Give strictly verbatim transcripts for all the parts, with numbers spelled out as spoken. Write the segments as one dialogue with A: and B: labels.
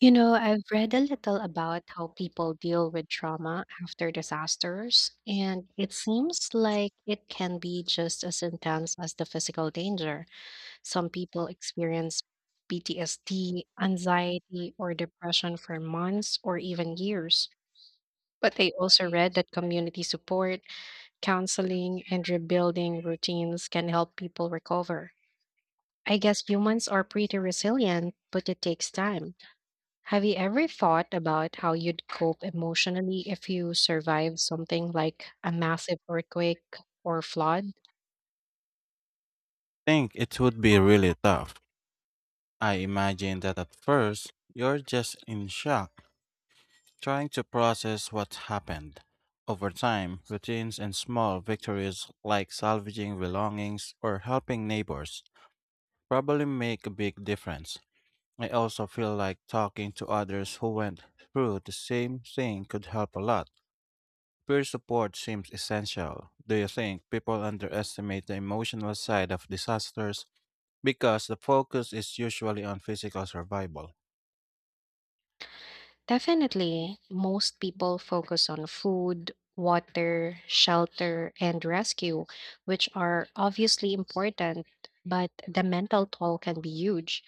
A: You know, I've read a little about how people deal with trauma after disasters, and it seems like it can be just as intense as the physical danger. Some people experience P T S D, anxiety, or depression for months or even years. But I also read that community support, counseling, and rebuilding routines can help people recover. I guess humans are pretty resilient, but it takes time. Have you ever thought about how you'd cope emotionally if you survived something like a massive earthquake or flood?
B: Think it would be really tough. I imagine that at first, you're just in shock, trying to process what happened. Over time, routines and small victories like salvaging belongings or helping neighbors probably make a big difference. I also feel like talking to others who went through the same thing could help a lot. Peer support seems essential. Do you think people underestimate the emotional side of disasters because the focus is usually on physical survival?
A: Definitely, most people focus on food, water, shelter, and rescue, which are obviously important, but the mental toll can be huge.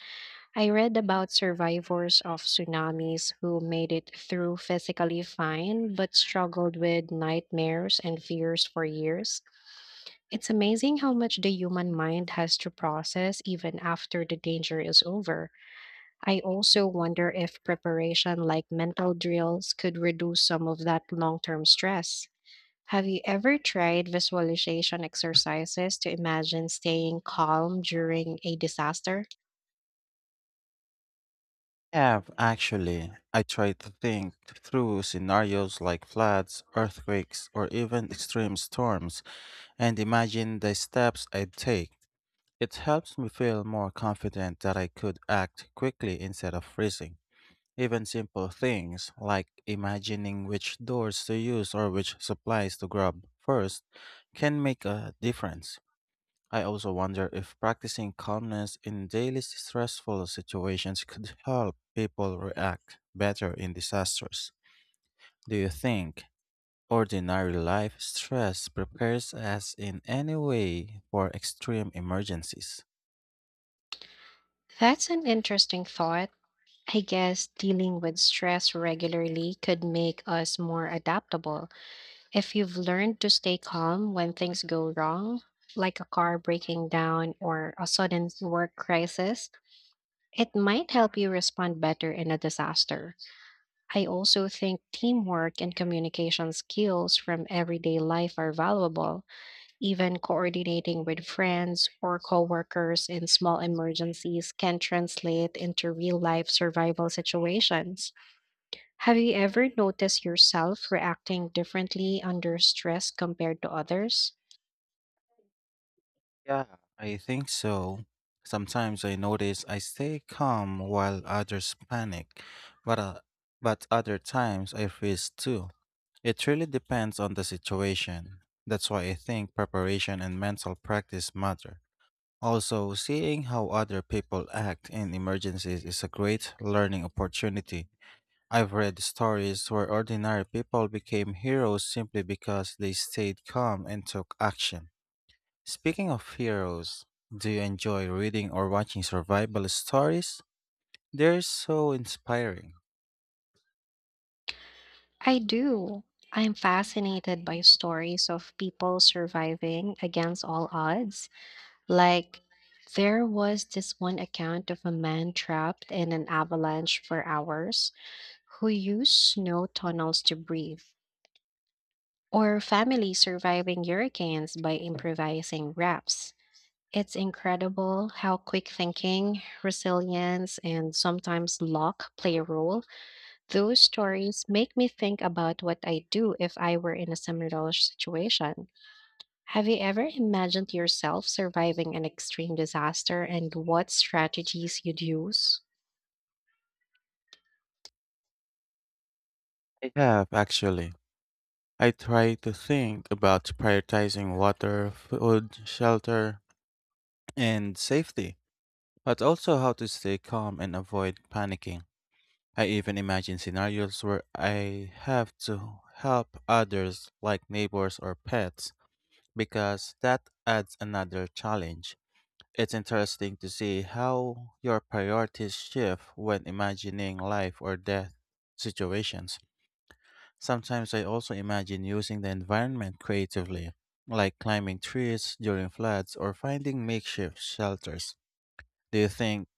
A: I read about survivors of tsunamis who made it through physically fine but struggled with nightmares and fears for years. It's amazing how much the human mind has to process even after the danger is over. I also wonder if preparation like mental drills could reduce some of that long term stress. Have you ever tried visualization exercises to imagine staying calm during a disaster?
B: Yeah, actually, I try to think through scenarios like floods, earthquakes, or even extreme storms and imagine the steps I'd take. It helps me feel more confident that I could act quickly instead of freezing. Even simple things like imagining which doors to use or which supplies to grab first can make a difference. I also wonder if practicing calmness in daily stressful situations could help people react better in disasters. Do you think ordinary life stress prepares us in any way for extreme emergencies?
A: That's an interesting thought. I guess dealing with stress regularly could make us more adaptable. If you've learned to stay calm when things go wrong, like a car breaking down or a sudden work crisis, it might help you respond better in a disaster. I also think teamwork and communication skills from everyday life are valuable. Even coordinating with friends or coworkers in small emergencies can translate into real life survival situations. Have you ever noticed yourself reacting differently under stress compared to others?
B: I think so. Sometimes I notice I stay calm while others panic, but, uh, but other times I freeze too. It really depends on the situation. That's why I think preparation and mental practice matter. Also, seeing how other people act in emergencies is a great learning opportunity. I've read stories where ordinary people became heroes simply because they stayed calm and took action. Speaking of heroes, do you enjoy reading or watching survival stories? They're so inspiring.
A: I do. I'm fascinated by stories of people surviving against all odds. Like, there was this one account of a man trapped in an avalanche for hours who used snow tunnels to breathe, or families surviving hurricanes by improvising wraps. It's incredible how quick thinking, resilience, and sometimes luck play a role. Those stories make me think about what I do if I were in a similar situation. Have you ever imagined yourself surviving an extreme disaster and what strategies you'd use?
B: I have, actually. I try to think about prioritizing water, food, shelter, and safety, but also how to stay calm and avoid panicking. I even imagine scenarios where I have to help others, like neighbors or pets, because that adds another challenge. It's interesting to see how your priorities shift when imagining life or death situations. Sometimes I also imagine using the environment creatively, like climbing trees during floods or finding makeshift shelters. Do you think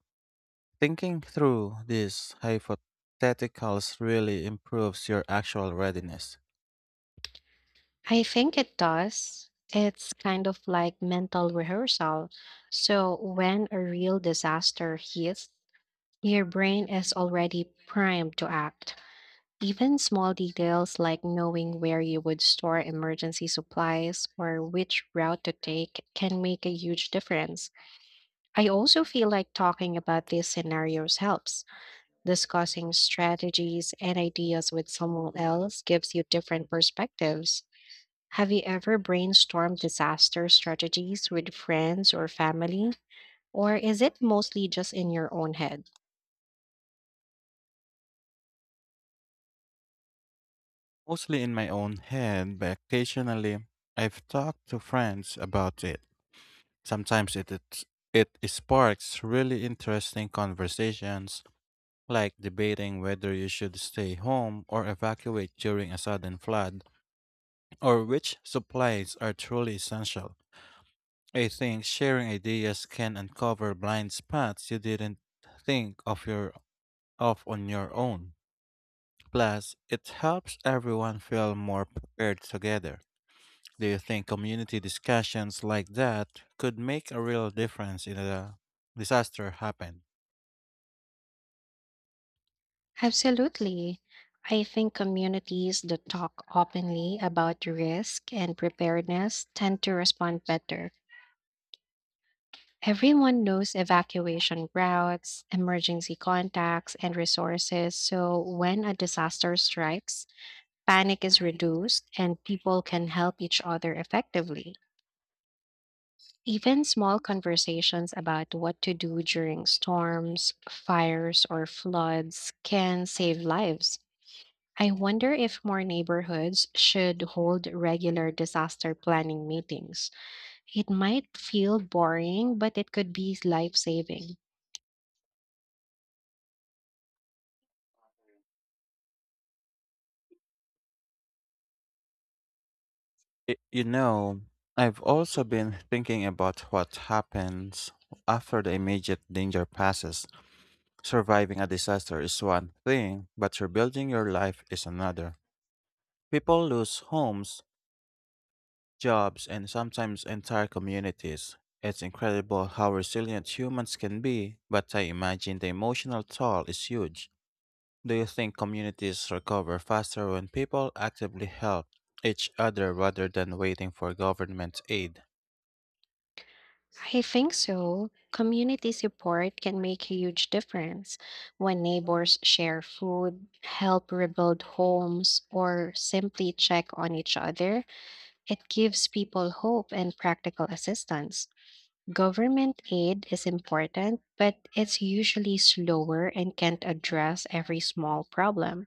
B: thinking through these hypotheticals really improves your actual readiness?
A: I think it does. It's kind of like mental rehearsal. So when a real disaster hits, your brain is already primed to act. Even small details like knowing where you would store emergency supplies or which route to take can make a huge difference. I also feel like talking about these scenarios helps. Discussing strategies and ideas with someone else gives you different perspectives. Have you ever brainstormed disaster strategies with friends or family? Or is it mostly just in your own head?
B: Mostly in my own head, but occasionally I've talked to friends about it. Sometimes it it, it sparks really interesting conversations, like debating whether you should stay home or evacuate during a sudden flood, or which supplies are truly essential. I think sharing ideas can uncover blind spots you didn't think of your of on your own. Plus, it helps everyone feel more prepared together. Do you think community discussions like that could make a real difference in a disaster happen?
A: Absolutely. I think communities that talk openly about risk and preparedness tend to respond better. Everyone knows evacuation routes, emergency contacts, and resources, so when a disaster strikes, panic is reduced and people can help each other effectively. Even small conversations about what to do during storms, fires, or floods can save lives. I wonder if more neighborhoods should hold regular disaster planning meetings. It might feel boring, but it could be life saving.
B: Y- You know, I've also been thinking about what happens after the immediate danger passes. Surviving a disaster is one thing, but rebuilding your life is another. People lose homes, jobs, and sometimes entire communities. It's incredible how resilient humans can be, but I imagine the emotional toll is huge. Do you think communities recover faster when people actively help each other rather than waiting for government aid?
A: I think so. Community support can make a huge difference when neighbors share food, help rebuild homes, or simply check on each other. It gives people hope and practical assistance. Government aid is important, but it's usually slower and can't address every small problem.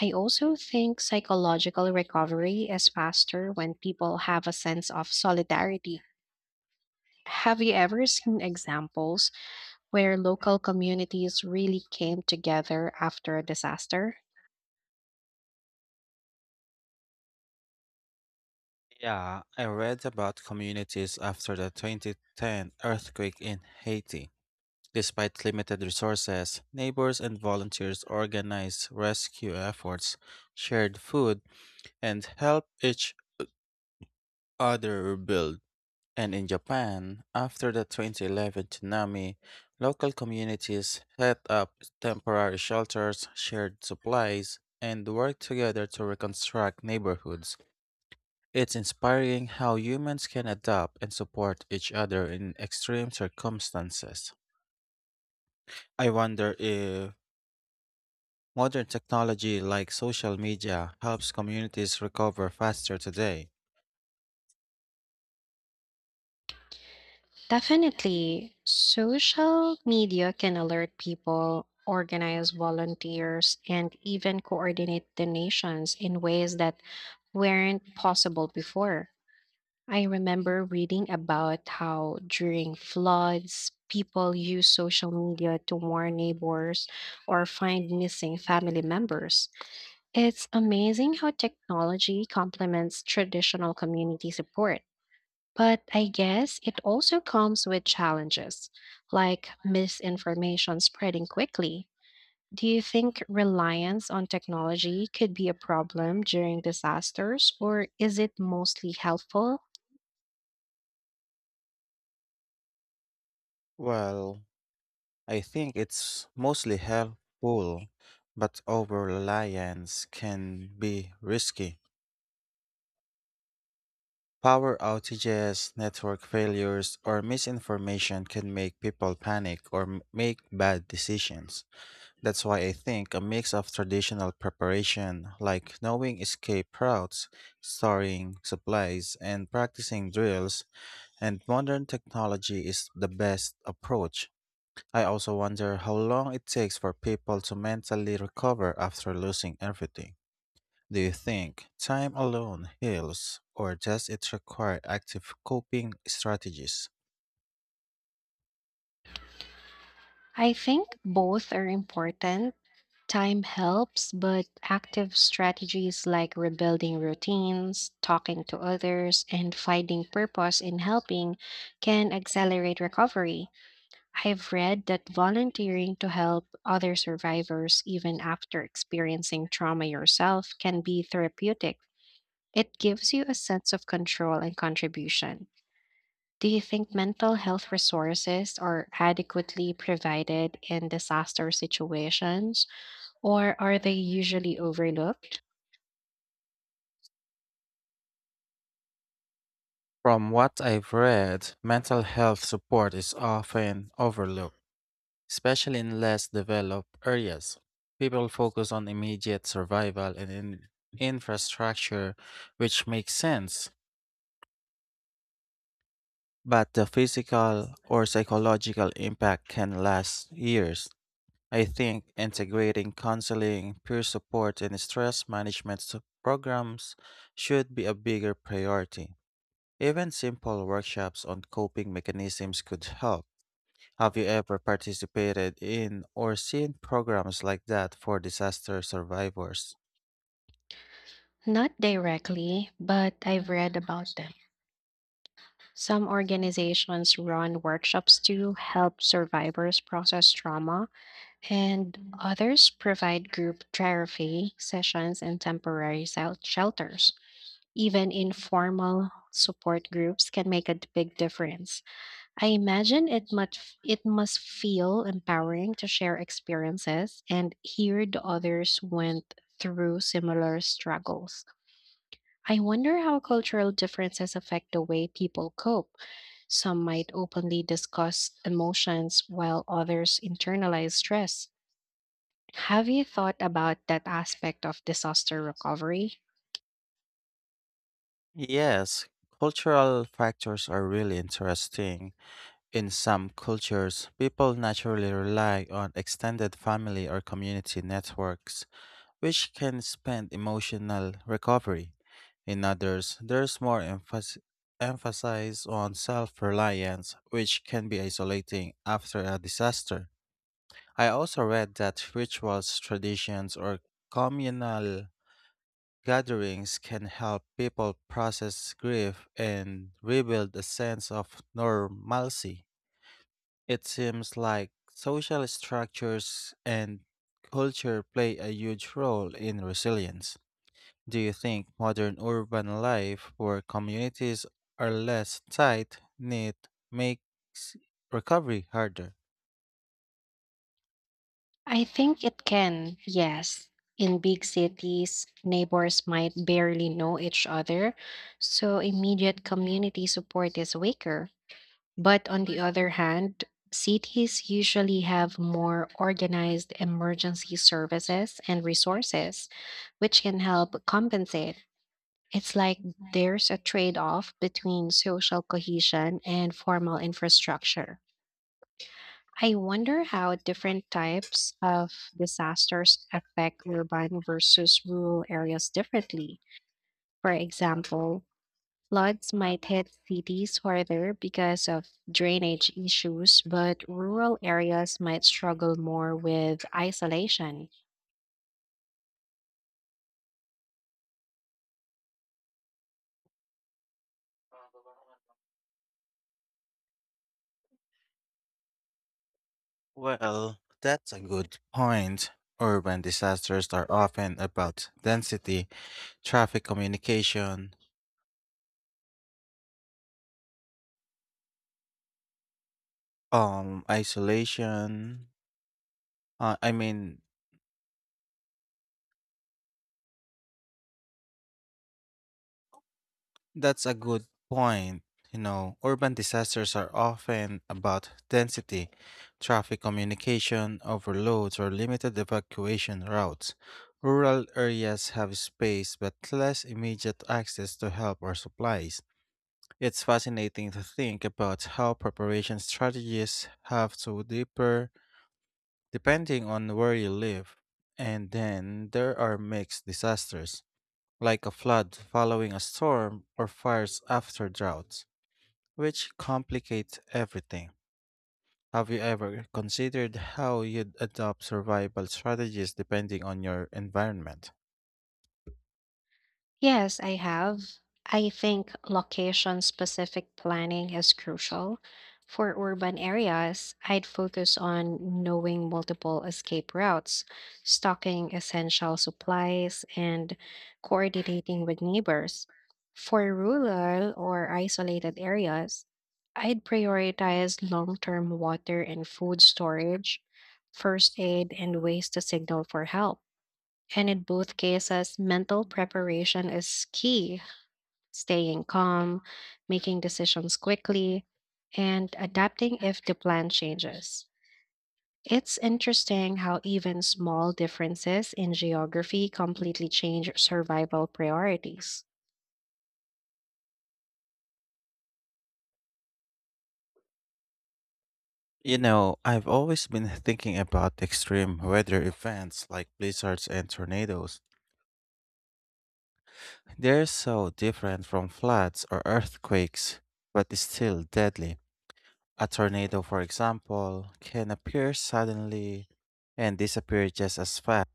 A: I also think psychological recovery is faster when people have a sense of solidarity. Have you ever seen examples where local communities really came together after a disaster?
B: Yeah, I read about communities after the twenty ten earthquake in Haiti. Despite limited resources, neighbors and volunteers organized rescue efforts, shared food, and helped each other rebuild. And in Japan, after the twenty eleven tsunami, local communities set up temporary shelters, shared supplies, and worked together to reconstruct neighborhoods. It's inspiring how humans can adapt and support each other in extreme circumstances. I wonder if modern technology like social media helps communities recover faster today.
A: Definitely, social media can alert people, organize volunteers, and even coordinate donations in ways that weren't possible before. I remember reading about how during floods, people use social media to warn neighbors or find missing family members. It's amazing how technology complements traditional community support. But I guess it also comes with challenges, like misinformation spreading quickly. Do you think reliance on technology could be a problem during disasters, or is it mostly helpful?
B: Well, I think it's mostly helpful, but over reliance can be risky. Power outages, network failures, or misinformation can make people panic or m- make bad decisions. That's why I think a mix of traditional preparation, like knowing escape routes, storing supplies, and practicing drills, and modern technology is the best approach. I also wonder how long it takes for people to mentally recover after losing everything. Do you think time alone heals, or does it require active coping strategies?
A: I think both are important. Time helps, but active strategies like rebuilding routines, talking to others, and finding purpose in helping can accelerate recovery. I've read that volunteering to help other survivors, even after experiencing trauma yourself, can be therapeutic. It gives you a sense of control and contribution. Do you think mental health resources are adequately provided in disaster situations, or are they usually overlooked?
B: From what I've read, mental health support is often overlooked, especially in less developed areas. People focus on immediate survival and in- infrastructure, which makes sense. But the physical or psychological impact can last years. I think integrating counseling, peer support, and stress management su- programs should be a bigger priority. Even simple workshops on coping mechanisms could help. Have you ever participated in or seen programs like that for disaster survivors?
A: Not directly, but I've read about them. Some organizations run workshops to help survivors process trauma and others provide group therapy sessions and temporary sel- shelters. Even informal support groups can make a d- big difference. I imagine it must it must feel empowering to share experiences and hear the others went through similar struggles. I wonder how cultural differences affect the way people cope. Some might openly discuss emotions while others internalize stress. Have you thought about that aspect of disaster recovery?
B: Yes, cultural factors are really interesting. In some cultures, people naturally rely on extended family or community networks, which can spend emotional recovery. In others, there's more emphas- emphasis on self reliance, which can be isolating after a disaster. I also read that rituals, traditions, or communal gatherings can help people process grief and rebuild a sense of normalcy. It seems like social structures and culture play a huge role in resilience. Do you think modern urban life, where communities are less tight knit, makes recovery harder?
A: I think it can, yes. In big cities, neighbors might barely know each other, so immediate community support is weaker. But on the other hand, cities usually have more organized emergency services and resources, which can help compensate. It's like there's a trade off between social cohesion and formal infrastructure. I wonder how different types of disasters affect urban versus rural areas differently. For example, floods might hit cities harder because of drainage issues, but rural areas might struggle more with isolation.
B: Well, that's a good point. Urban disasters are often about density, traffic communication, um, isolation. Uh, I mean, That's a good point. You know, urban disasters are often about density, traffic communication, overloads, or limited evacuation routes. Rural areas have space but less immediate access to help or supplies. It's fascinating to think about how preparation strategies have to differ depending on where you live. And then there are mixed disasters like a flood following a storm or fires after droughts, which complicate everything. Have you ever considered how you'd adopt survival strategies depending on your environment?
A: Yes, I have. I think location-specific planning is crucial. For urban areas, I'd focus on knowing multiple escape routes, stocking essential supplies, and coordinating with neighbors. For rural or isolated areas, I'd prioritize long-term water and food storage, first aid, and ways to signal for help. And in both cases, mental preparation is key. Staying calm, making decisions quickly, and adapting if the plan changes. It's interesting how even small differences in geography completely change survival priorities.
B: You know, I've always been thinking about extreme weather events like blizzards and tornadoes. They're so different from floods or earthquakes, but it's still deadly. A tornado, for example, can appear suddenly and disappear just as fast,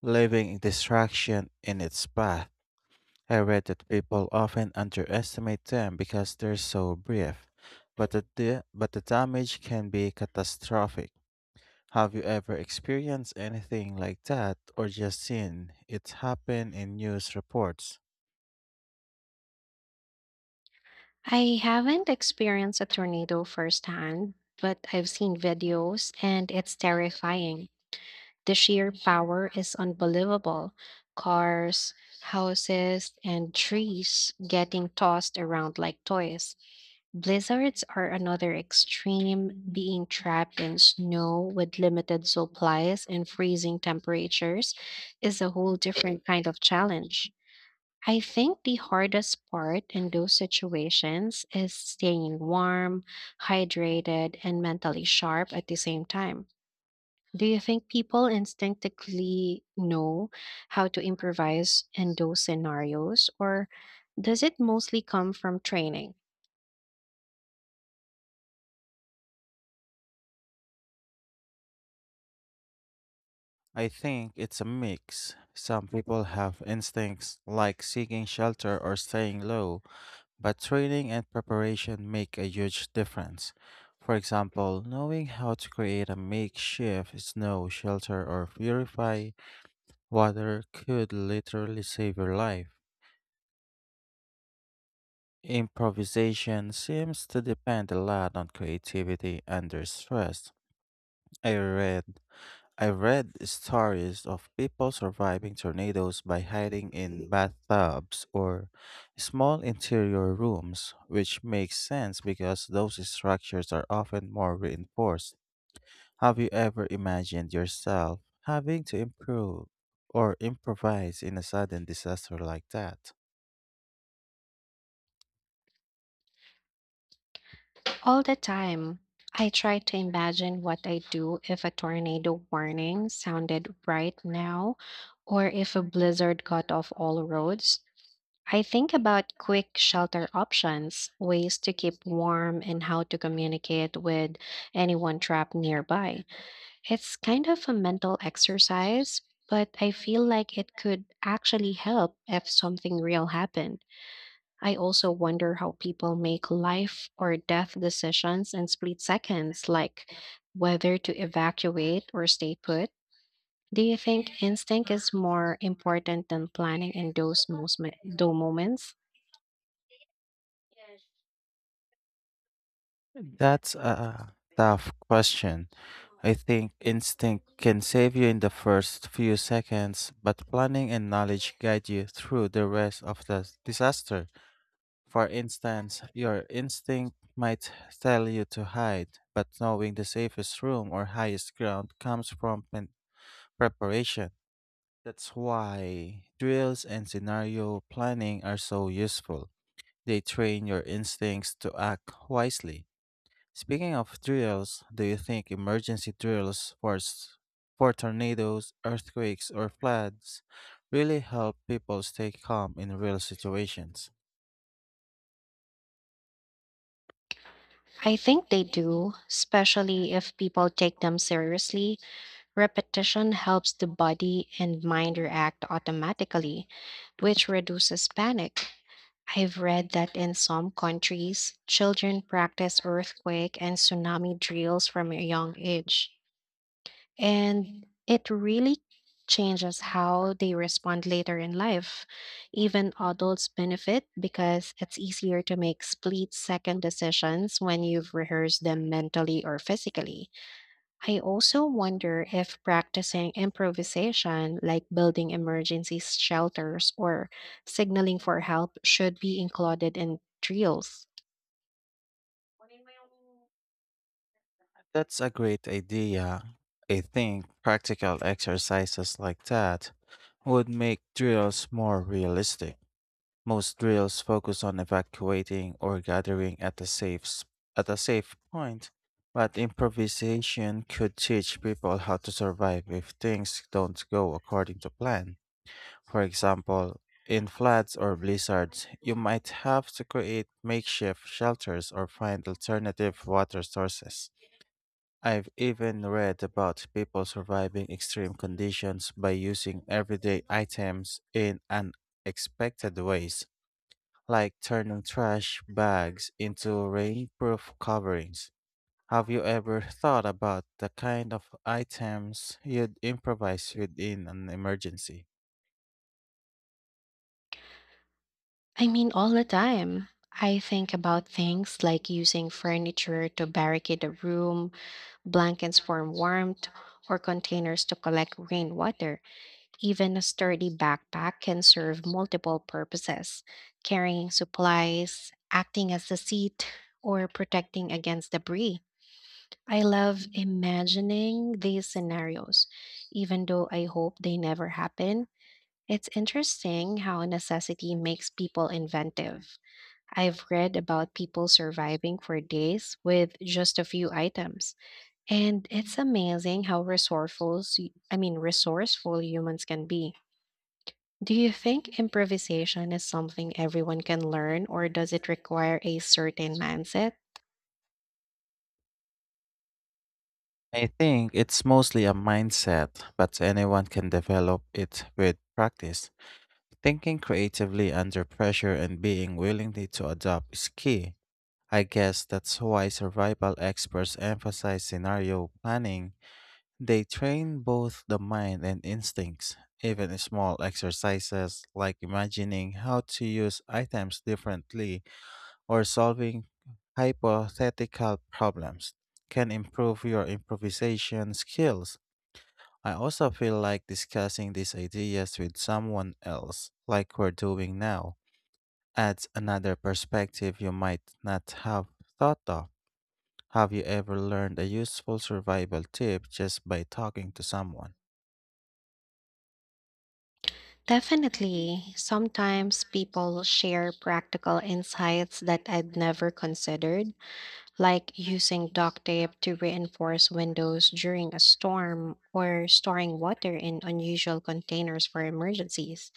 B: leaving distraction in its path. I read that people often underestimate them because they're so brief, but the, da- but the damage can be catastrophic. Have you ever experienced anything like that or just seen it happen in news reports?
A: I haven't experienced a tornado firsthand, but I've seen videos and it's terrifying. The sheer power is unbelievable. Cars, houses, and trees getting tossed around like toys. Blizzards are another extreme, being trapped in snow with limited supplies and freezing temperatures is a whole different kind of challenge. I think the hardest part in those situations is staying warm, hydrated, and mentally sharp at the same time. Do you think people instinctively know how to improvise in those scenarios, or does it mostly come from training?
B: I think it's a mix. Some people have instincts like seeking shelter or staying low, but training and preparation make a huge difference. For example, knowing how to create a makeshift snow shelter or purify water could literally save your life. Improvisation seems to depend a lot on creativity under stress. I read I read stories of people surviving tornadoes by hiding in bathtubs or small interior rooms, which makes sense because those structures are often more reinforced. Have you ever imagined yourself having to improve or improvise in a sudden disaster like that?
A: All the time, I try to imagine what I'd do if a tornado warning sounded right now, or if a blizzard cut off all roads. I think about quick shelter options, ways to keep warm, and how to communicate with anyone trapped nearby. It's kind of a mental exercise, but I feel like it could actually help if something real happened. I also wonder how people make life or death decisions in split seconds, like whether to evacuate or stay put. Do you think instinct is more important than planning in those most mo- those moments?
B: That's a tough question. I think instinct can save you in the first few seconds, but planning and knowledge guide you through the rest of the disaster. For instance, your instinct might tell you to hide, but knowing the safest room or highest ground comes from pen- preparation. That's why drills and scenario planning are so useful. They train your instincts to act wisely. Speaking of drills, do you think emergency drills for, s- for tornadoes, earthquakes, or floods really help people stay calm in real situations?
A: I think they do, especially if people take them seriously. Repetition helps the body and mind react automatically, which reduces panic. I've read that in some countries, children practice earthquake and tsunami drills from a young age, and it really changes how they respond later in life. Even adults benefit because it's easier to make split second decisions when you've rehearsed them mentally or physically. I also wonder if practicing improvisation, like building emergency shelters or signaling for help, should be included in drills.
B: That's a great idea. I think practical exercises like that would make drills more realistic. Most drills focus on evacuating or gathering at a safe s- at a safe point, but improvisation could teach people how to survive if things don't go according to plan. For example, in floods or blizzards, you might have to create makeshift shelters or find alternative water sources. I've even read about people surviving extreme conditions by using everyday items in unexpected ways, like turning trash bags into rainproof coverings. Have you ever thought about the kind of items you'd improvise within an emergency?
A: I mean, all the time. I think about things like using furniture to barricade a room, blankets for warmth, or containers to collect rainwater. Even a sturdy backpack can serve multiple purposes carrying supplies, acting as a seat, or protecting against debris. I love imagining these scenarios, even though I hope they never happen. It's interesting how necessity makes people inventive. I've read about people surviving for days with just a few items, and it's amazing how resourceful, s- I mean resourceful humans can be. Do you think improvisation is something everyone can learn, or does it require a certain mindset?
B: I think it's mostly a mindset, but anyone can develop it with practice. Thinking creatively under pressure and being willing to adapt is key. I guess that's why survival experts emphasize scenario planning. They train both the mind and instincts. Even small exercises like imagining how to use items differently or solving hypothetical problems can improve your improvisation skills. I also feel like discussing these ideas with someone else, like we're doing now, adds another perspective you might not have thought of. Have you ever learned a useful survival tip just by talking to someone?
A: Definitely. Sometimes people share practical insights that I'd never considered, like using duct tape to reinforce windows during a storm or storing water in unusual containers for emergencies.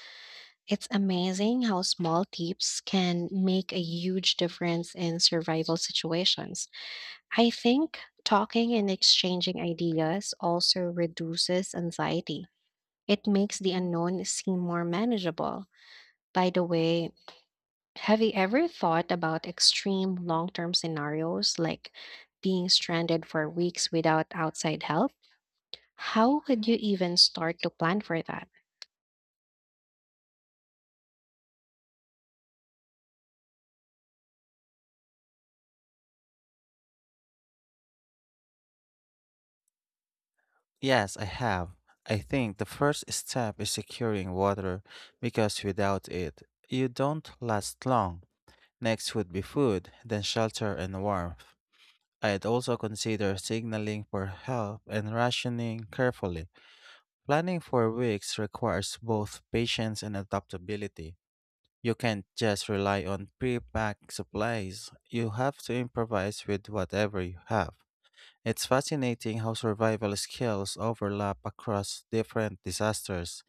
A: It's amazing how small tips can make a huge difference in survival situations. I think talking and exchanging ideas also reduces anxiety. It makes the unknown seem more manageable. By the way, have you ever thought about extreme long term scenarios like being stranded for weeks without outside help? How would you even start to plan for that?
B: Yes, I have. I think the first step is securing water because without it, you don't last long. Next would be food, then shelter and warmth. I'd also consider signaling for help and rationing carefully. Planning for weeks requires both patience and adaptability. You can't just rely on pre-packed supplies. You have to improvise with whatever you have. It's fascinating how survival skills overlap across different disasters,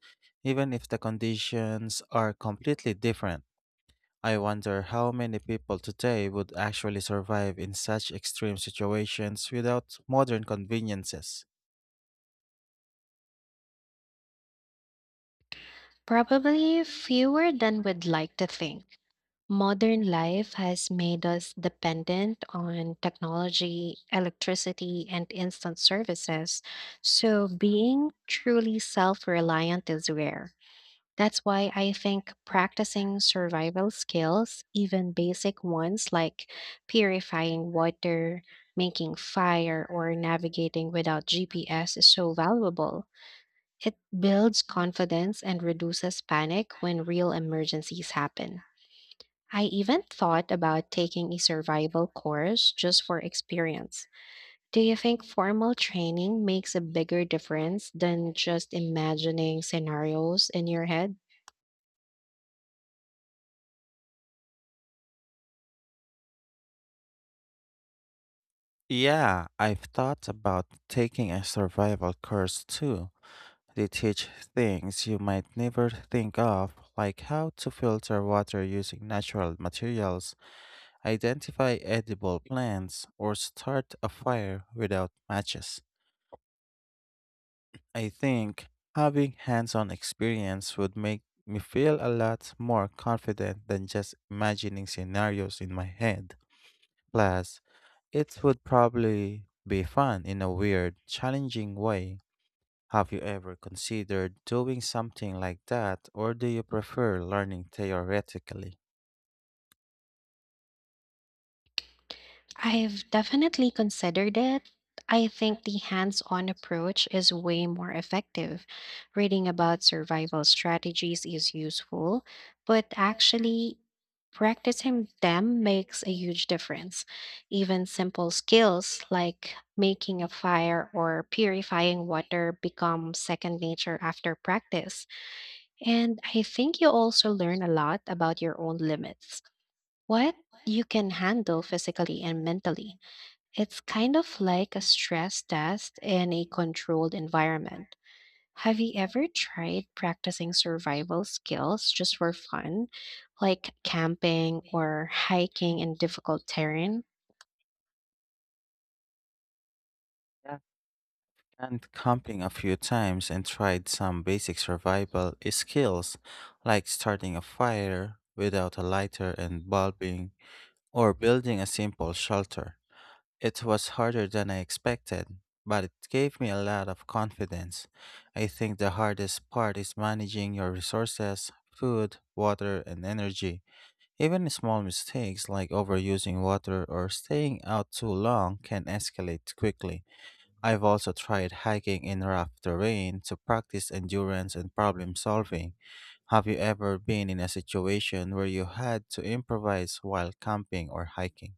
B: even if the conditions are completely different. I wonder how many people today would actually survive in such extreme situations without modern conveniences.
A: Probably fewer than would like to think. Modern life has made us dependent on technology, electricity, and instant services, so being truly self reliant is rare. That's why I think practicing survival skills, even basic ones like purifying water, making fire, or navigating without G P S, is so valuable. It builds confidence and reduces panic when real emergencies happen. I even thought about taking a survival course just for experience. Do you think formal training makes a bigger difference than just imagining scenarios in your head?
B: Yeah, I've thought about taking a survival course too. They teach things you might never think of, like how to filter water using natural materials, identify edible plants, or start a fire without matches. I think having hands on experience would make me feel a lot more confident than just imagining scenarios in my head. Plus, it would probably be fun in a weird, challenging way. Have you ever considered doing something like that, or do you prefer learning theoretically?
A: I've definitely considered it. I think the hands on approach is way more effective. Reading about survival strategies is useful, but actually practicing them makes a huge difference. Even simple skills like making a fire or purifying water become second nature after practice. And I think you also learn a lot about your own limits, what you can handle physically and mentally. It's kind of like a stress test in a controlled environment. Have you ever tried practicing survival skills just for fun, like camping or hiking in difficult terrain?
B: And camping a few times and tried some basic survival skills like starting a fire without a lighter and bulbing or building a simple shelter. It was harder than I expected, but it gave me a lot of confidence. I think the hardest part is managing your resources, food, water, and energy. Even small mistakes like overusing water or staying out too long can escalate quickly. I've also tried hiking in rough terrain to practice endurance and problem solving. Have you ever been in a situation where you had to improvise while camping or hiking?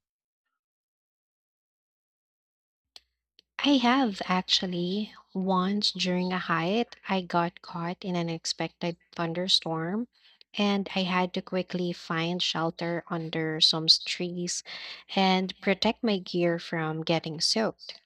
A: I have actually. Once during a hike, I got caught in an unexpected thunderstorm and I had to quickly find shelter under some trees and protect my gear from getting soaked.